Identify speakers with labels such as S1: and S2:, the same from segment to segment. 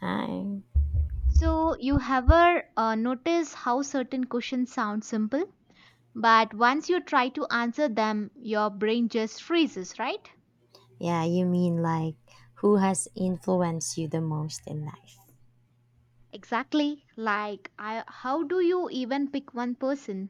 S1: Hi.
S2: So, you ever notice how certain questions sound simple, but once you try to answer them, your brain just freezes, right?
S1: Yeah, you mean like who has influenced you the most in life?
S2: Exactly. Like, how do you even pick one person?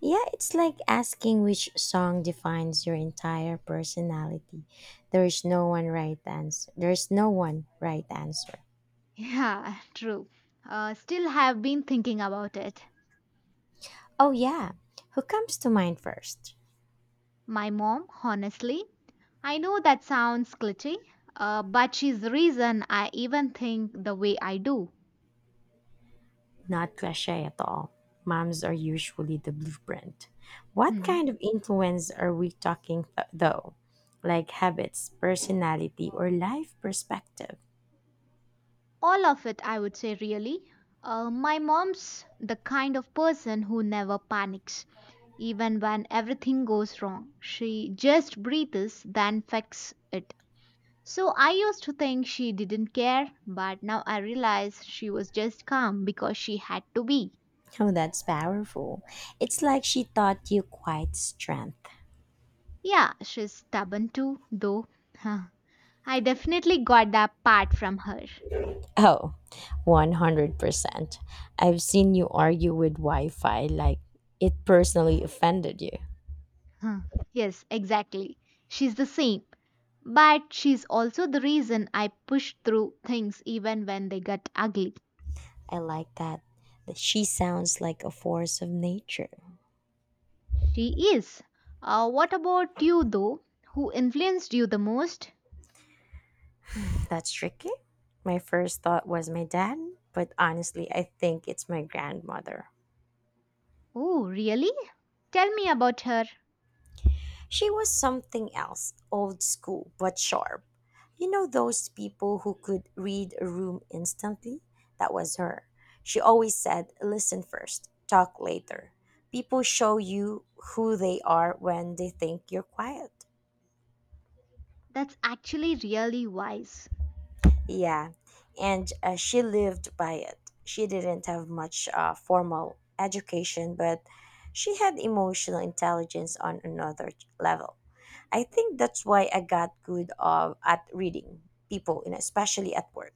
S1: Yeah, it's like asking which song defines your entire personality. There is no one right answer. There's no one right answer.
S2: Yeah, true. Still have been thinking about it.
S1: Oh yeah, who comes to mind first?
S2: My mom, honestly. I know that sounds glitchy, but she's the reason I even think the way I do.
S1: Not cliche at all. Moms are usually the blueprint. What kind
S2: Hmm.
S1: of influence are we talking though? Like habits, personality, or life perspective?
S2: All of it, I would say, really. My mom's the kind of person who never panics, even when everything goes wrong. She just breathes, then fixes it. So I used to think she didn't care, but now I realize she was just calm because she had to be.
S1: Oh, that's powerful. It's like she taught you quiet strength.
S2: Yeah, she's stubborn too, though. Huh. I definitely got that part from her.
S1: Oh, 100%. I've seen you argue with Wi Fi like it personally offended you.
S2: Huh. Yes, exactly. She's the same. But she's also the reason I push through things even when they get ugly.
S1: I like that. She sounds like a force of nature.
S2: She is. What about you, though? Who influenced you the most?
S1: That's tricky. My first thought was my dad, but honestly, I think it's my grandmother.
S2: Oh, really? Tell me about her.
S1: She was something else, old school, but sharp. You know those people who could read a room instantly? That was her. She always said, listen first, talk later. People show you who they are when they think you're quiet.
S2: That's actually really wise.
S1: Yeah, and she lived by it. She didn't have much formal education, but she had emotional intelligence on another level. I think that's why I got good at reading people, and especially at work.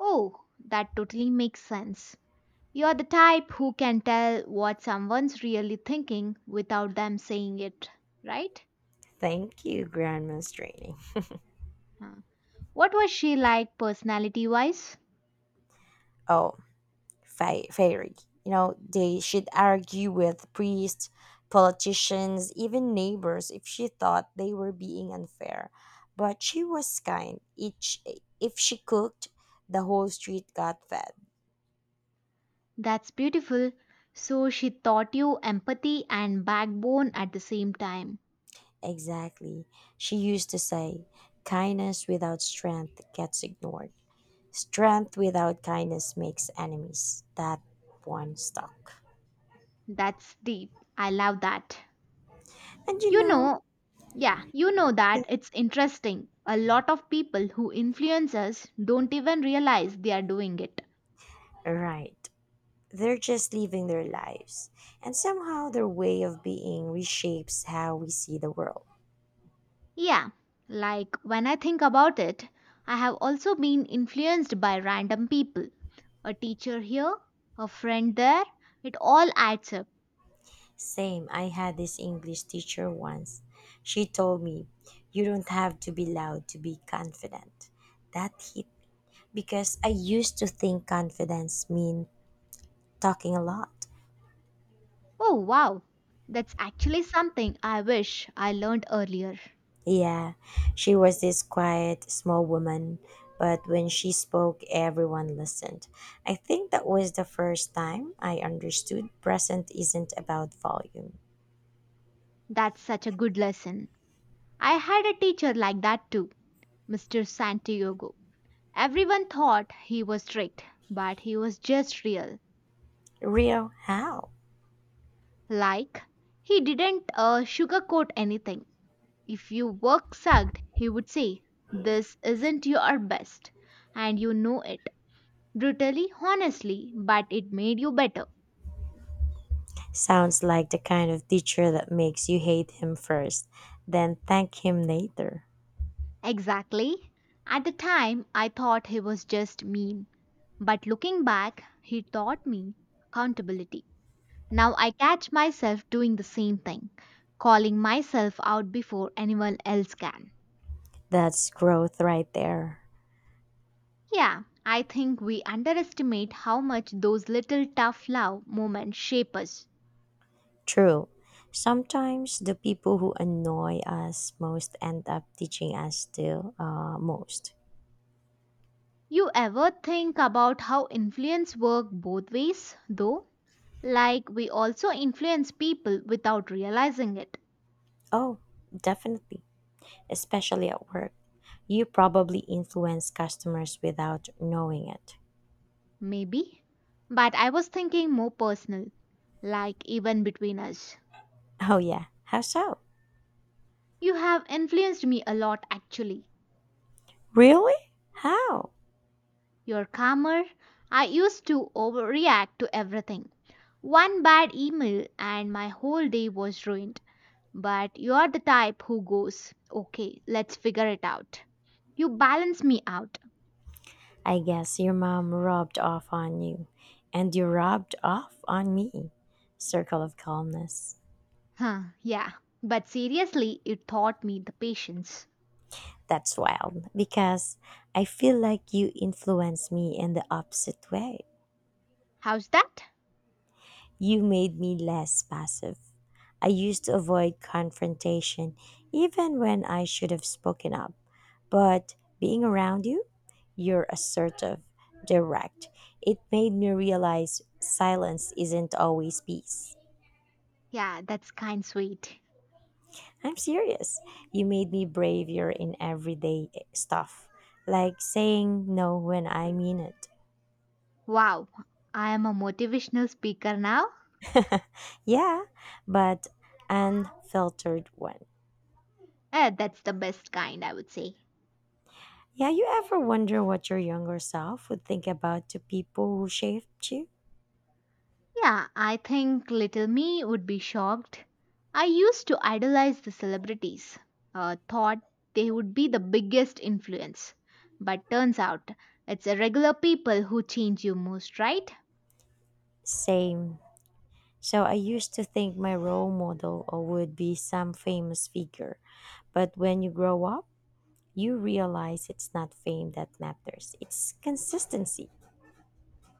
S2: Oh, that totally makes sense. You're the type who can tell what someone's really thinking without them saying it, right?
S1: Thank you, Grandma's training.
S2: Huh. What was she like personality wise?
S1: Oh, fairy. You know, they should argue with priests, politicians, even neighbors if she thought they were being unfair. But she was kind. If she cooked, the whole street got fed.
S2: That's beautiful. So she taught you empathy and backbone at the same time.
S1: Exactly. She used to say, kindness without strength gets ignored. Strength without kindness makes enemies. That one stuck.
S2: That's deep. I love that.
S1: And you
S2: You
S1: know,
S2: know, yeah, you know that it's interesting. A lot of people who influence us don't even realize they are doing it.
S1: right. They're just living their lives. And somehow their way of being reshapes how we see the world.
S2: Yeah, like when I think about it, I have also been influenced by random people. A teacher here, a friend there, it all adds up.
S1: Same, I had this English teacher once. She told me, You don't have to be loud to be confident. That hit me because I used to think confidence mean talking a lot.
S2: Oh, wow. That's actually something I wish I learned earlier.
S1: Yeah, she was this quiet, small woman, but when she spoke, everyone listened. I think that was the first time I understood present isn't about volume.
S2: That's such a good lesson. I had a teacher like that too, Mr. Santiago. Everyone thought he was strict, but he was just real.
S1: Real how?
S2: Like, he didn't sugarcoat anything. If your work sucked, he would say, "This isn't your best, and you know it." Brutally, honestly, but it made you better.
S1: Sounds like the kind of teacher that makes you hate him first, then thank him later.
S2: Exactly. At the time, I thought he was just mean. But looking back, he taught me accountability. Now I catch myself doing the same thing, calling myself out before anyone else can.
S1: That's growth right there.
S2: Yeah, I think we underestimate how much those little tough love moments shape us.
S1: True. Sometimes the people who annoy us most end up teaching us still most.
S2: You ever think about how influence work both ways, though? Like we also influence people without realizing it.
S1: Oh, definitely, especially at work. You probably influence customers without knowing it.
S2: Maybe. But I was thinking more personal, like even between us.
S1: Oh, yeah. How so?
S2: You have influenced me a lot actually.
S1: Really? How?
S2: You're calmer. I used to overreact to everything. One bad email and my whole day was ruined. But you're the type who goes, okay, let's figure it out. You balance me out.
S1: I guess your mom rubbed off on you, and you rubbed off on me. Circle of calmness.
S2: Huh, yeah. But seriously, it taught me the patience.
S1: That's wild because I feel like you influence me in the opposite way.
S2: How's that?
S1: You made me less passive. I used to avoid confrontation even when I should have spoken up. But being around you, you're assertive, direct. It made me realize silence isn't always peace.
S2: Yeah, that's kind sweet.
S1: I'm serious. You made me braver in everyday stuff, like saying no when I mean it.
S2: Wow, I am a motivational speaker now.
S1: Yeah, but unfiltered one.
S2: Eh, that's the best kind, I would say.
S1: Yeah, you ever wonder what your younger self would think about the people who shaped you?
S2: Yeah, I think little me would be shocked. I used to idolize the celebrities, thought they would be the biggest influence. But turns out it's the regular people who change you most, right?
S1: Same. So I used to think my role model would be some famous figure, but when you grow up, you realize it's not fame that matters, it's consistency.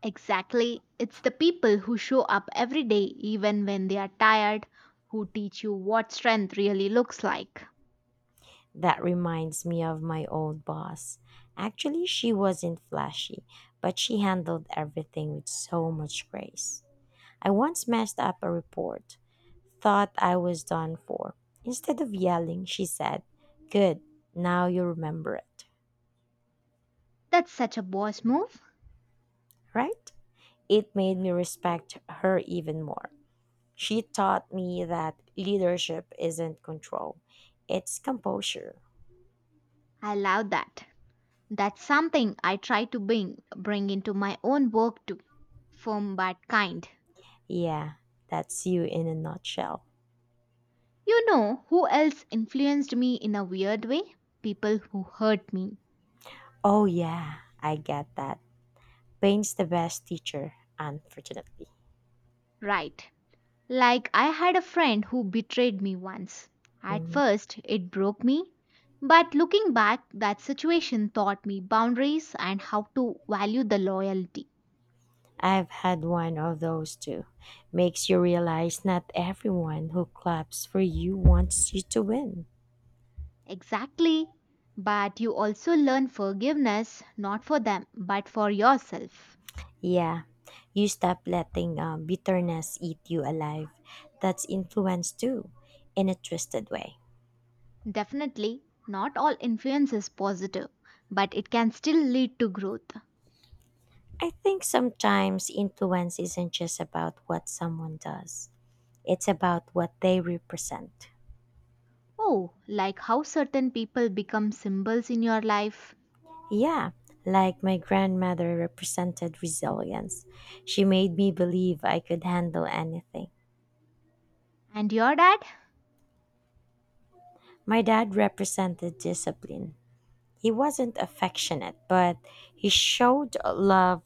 S2: Exactly. It's the people who show up every day, even when they are tired, who teach you what strength really looks like.
S1: That reminds me of my old boss. Actually, she wasn't flashy, but she handled everything with so much grace. I once messed up a report, thought I was done for. Instead of yelling, she said, Good, now you remember it,
S2: That's such a boss move.
S1: right? It made me respect her even more. She taught me that leadership isn't control, it's composure.
S2: I love that. That's something I try to bring into my own work too. Firm but kind.
S1: Yeah, that's you in a nutshell.
S2: You know who else influenced me in a weird way? People who hurt me.
S1: Oh, yeah, I get that. Pain's the best teacher, unfortunately.
S2: Right. Like I had a friend who betrayed me once. At
S1: Mhm.
S2: first, it broke me. But looking back, that situation taught me boundaries and how to value the loyalty.
S1: I've had one of those too. Makes you realize not everyone who claps for you wants you to win.
S2: Exactly. But you also learn forgiveness, not for them, but for yourself.
S1: Yeah, you stop letting bitterness eat you alive. That's influence too, in a twisted way.
S2: Definitely, not all influence is positive, but it can still lead to growth.
S1: I think sometimes influence isn't just about what someone does, it's about what they represent.
S2: Oh, like how certain people become symbols in your life.
S1: Yeah, like my grandmother represented resilience. She made me believe I could handle anything.
S2: And your dad?
S1: My dad represented discipline. He wasn't affectionate, but he showed love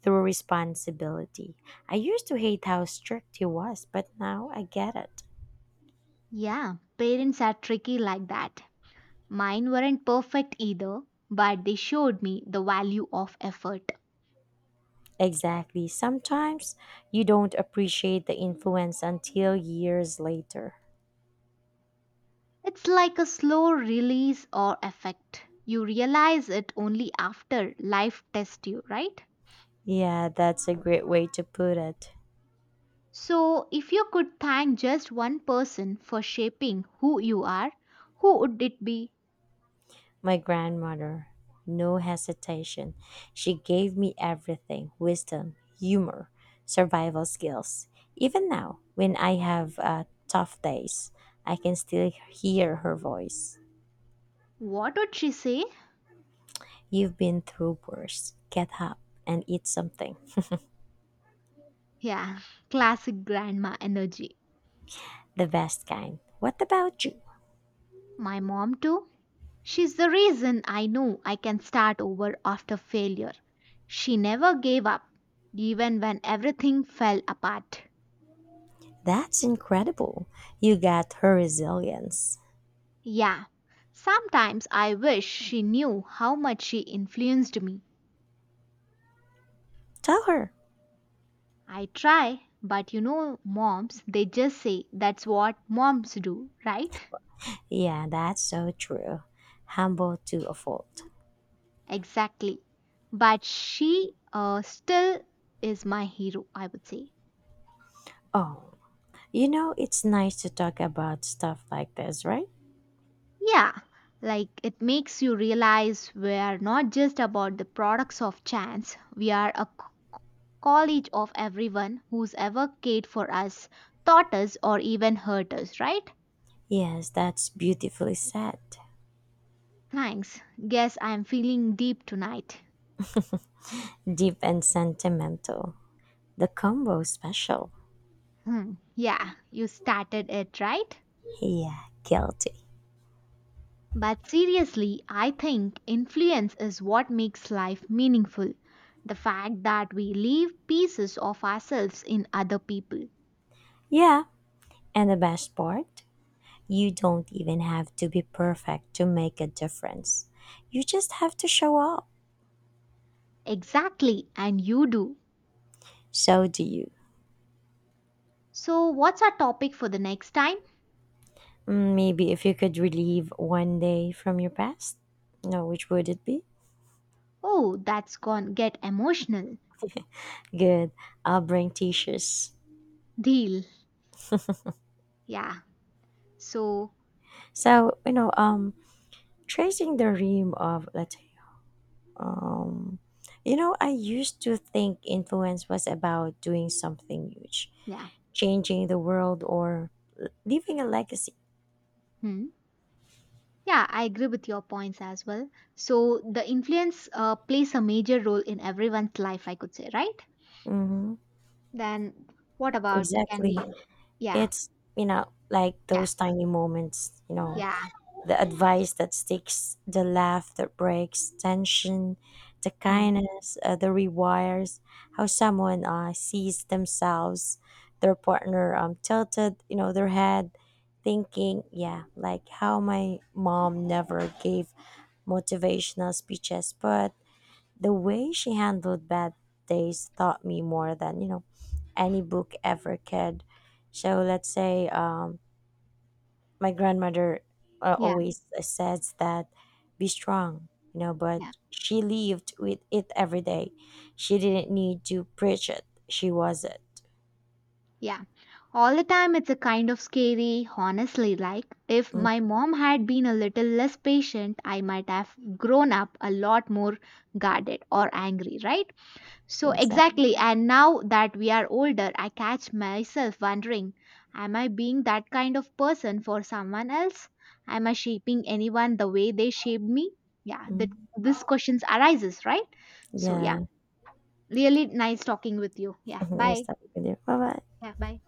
S1: through responsibility. I used to hate how strict he was, but now I get it.
S2: Yeah, parents are tricky like that. Mine weren't perfect either, but they showed me the value of effort.
S1: Exactly. Sometimes you don't appreciate the influence until years later.
S2: It's like a slow release or effect. You realize it only after life tests you, right?
S1: Yeah, that's a great way to put it.
S2: So, if you could thank just one person for shaping who you are, who would it be?
S1: My grandmother, no hesitation. She gave me everything: wisdom, humor, survival skills. Even now, when I have tough days, I can still hear her voice.
S2: What would she say?
S1: You've been through worse. Get up and eat something.
S2: Yeah, classic grandma energy.
S1: The best kind. What about you?
S2: My mom, too. She's the reason I know I can start over after failure. She never gave up, even when everything fell apart.
S1: That's incredible. You got her resilience.
S2: Yeah, sometimes I wish she knew how much she influenced me.
S1: Tell her.
S2: I try, but moms, they just say that's what moms do, right?
S1: Yeah, that's so true. Humble to a fault.
S2: Exactly. But she still is my hero, I would say.
S1: Oh, you know, it's nice to talk about stuff like this, right?
S2: Yeah, like it makes you realize we are not just about the products of chance, we are a college of everyone who's ever cared for us, taught us, or even hurt us, right?
S1: Yes, that's beautifully said.
S2: Thanks. Guess I'm feeling deep tonight.
S1: Deep and sentimental. The combo special.
S2: Hmm. Yeah, you started it, right?
S1: Yeah, guilty.
S2: But seriously, I think influence is what makes life meaningful. The fact that we leave pieces of ourselves in other people.
S1: Yeah, and the best part? You don't even have to be perfect to make a difference. You just have to show up.
S2: Exactly, and you do.
S1: So do you.
S2: So, what's our topic for the next time?
S1: Mm, maybe if you could relive one day from your past? No, which would it be?
S2: Oh, that's gone get emotional.
S1: Good. I'll bring t-shirts.
S2: Deal. Yeah. So,
S1: So, you know, tracing the rim of, let's say, um, you know, I used to think influence was about doing something huge,
S2: yeah.
S1: changing the world or leaving a legacy.
S2: Hmm. Yeah, I agree with your points as well. So, the influence plays a major role in everyone's life, I could say, right?
S1: Hmm.
S2: Then, what about can
S1: Exactly.
S2: we? Yeah.
S1: It's, like
S2: Yeah.
S1: those tiny moments,
S2: Yeah.
S1: the advice that sticks, the laugh that breaks tension, the
S2: Mm.
S1: kindness that rewires how someone sees themselves, their partner tilted, their head thinking, yeah, like how my mom never gave motivational speeches, but the way she handled bad days taught me more than any book ever could. So let's say my grandmother
S2: Yeah,
S1: always says that be strong,
S2: yeah,
S1: but she lived with it every day. She didn't need to preach it. She was it.
S2: yeah. All the time it's a kind of scary, honestly. Like, if
S1: Mm,
S2: my mom had been a little less patient, I might have grown up a lot more guarded or angry, right? So,
S1: exactly.
S2: exactly. And now that we are older, I catch myself wondering am I being that kind of person for someone else? Am I shaping anyone the way they shaped me? Yeah, that
S1: Mm,
S2: this questions arises, right? So, yeah,
S1: yeah.
S2: really nice talking with you. Yeah,
S1: Nice
S2: bye.
S1: talking with you, bye bye.
S2: Yeah, bye.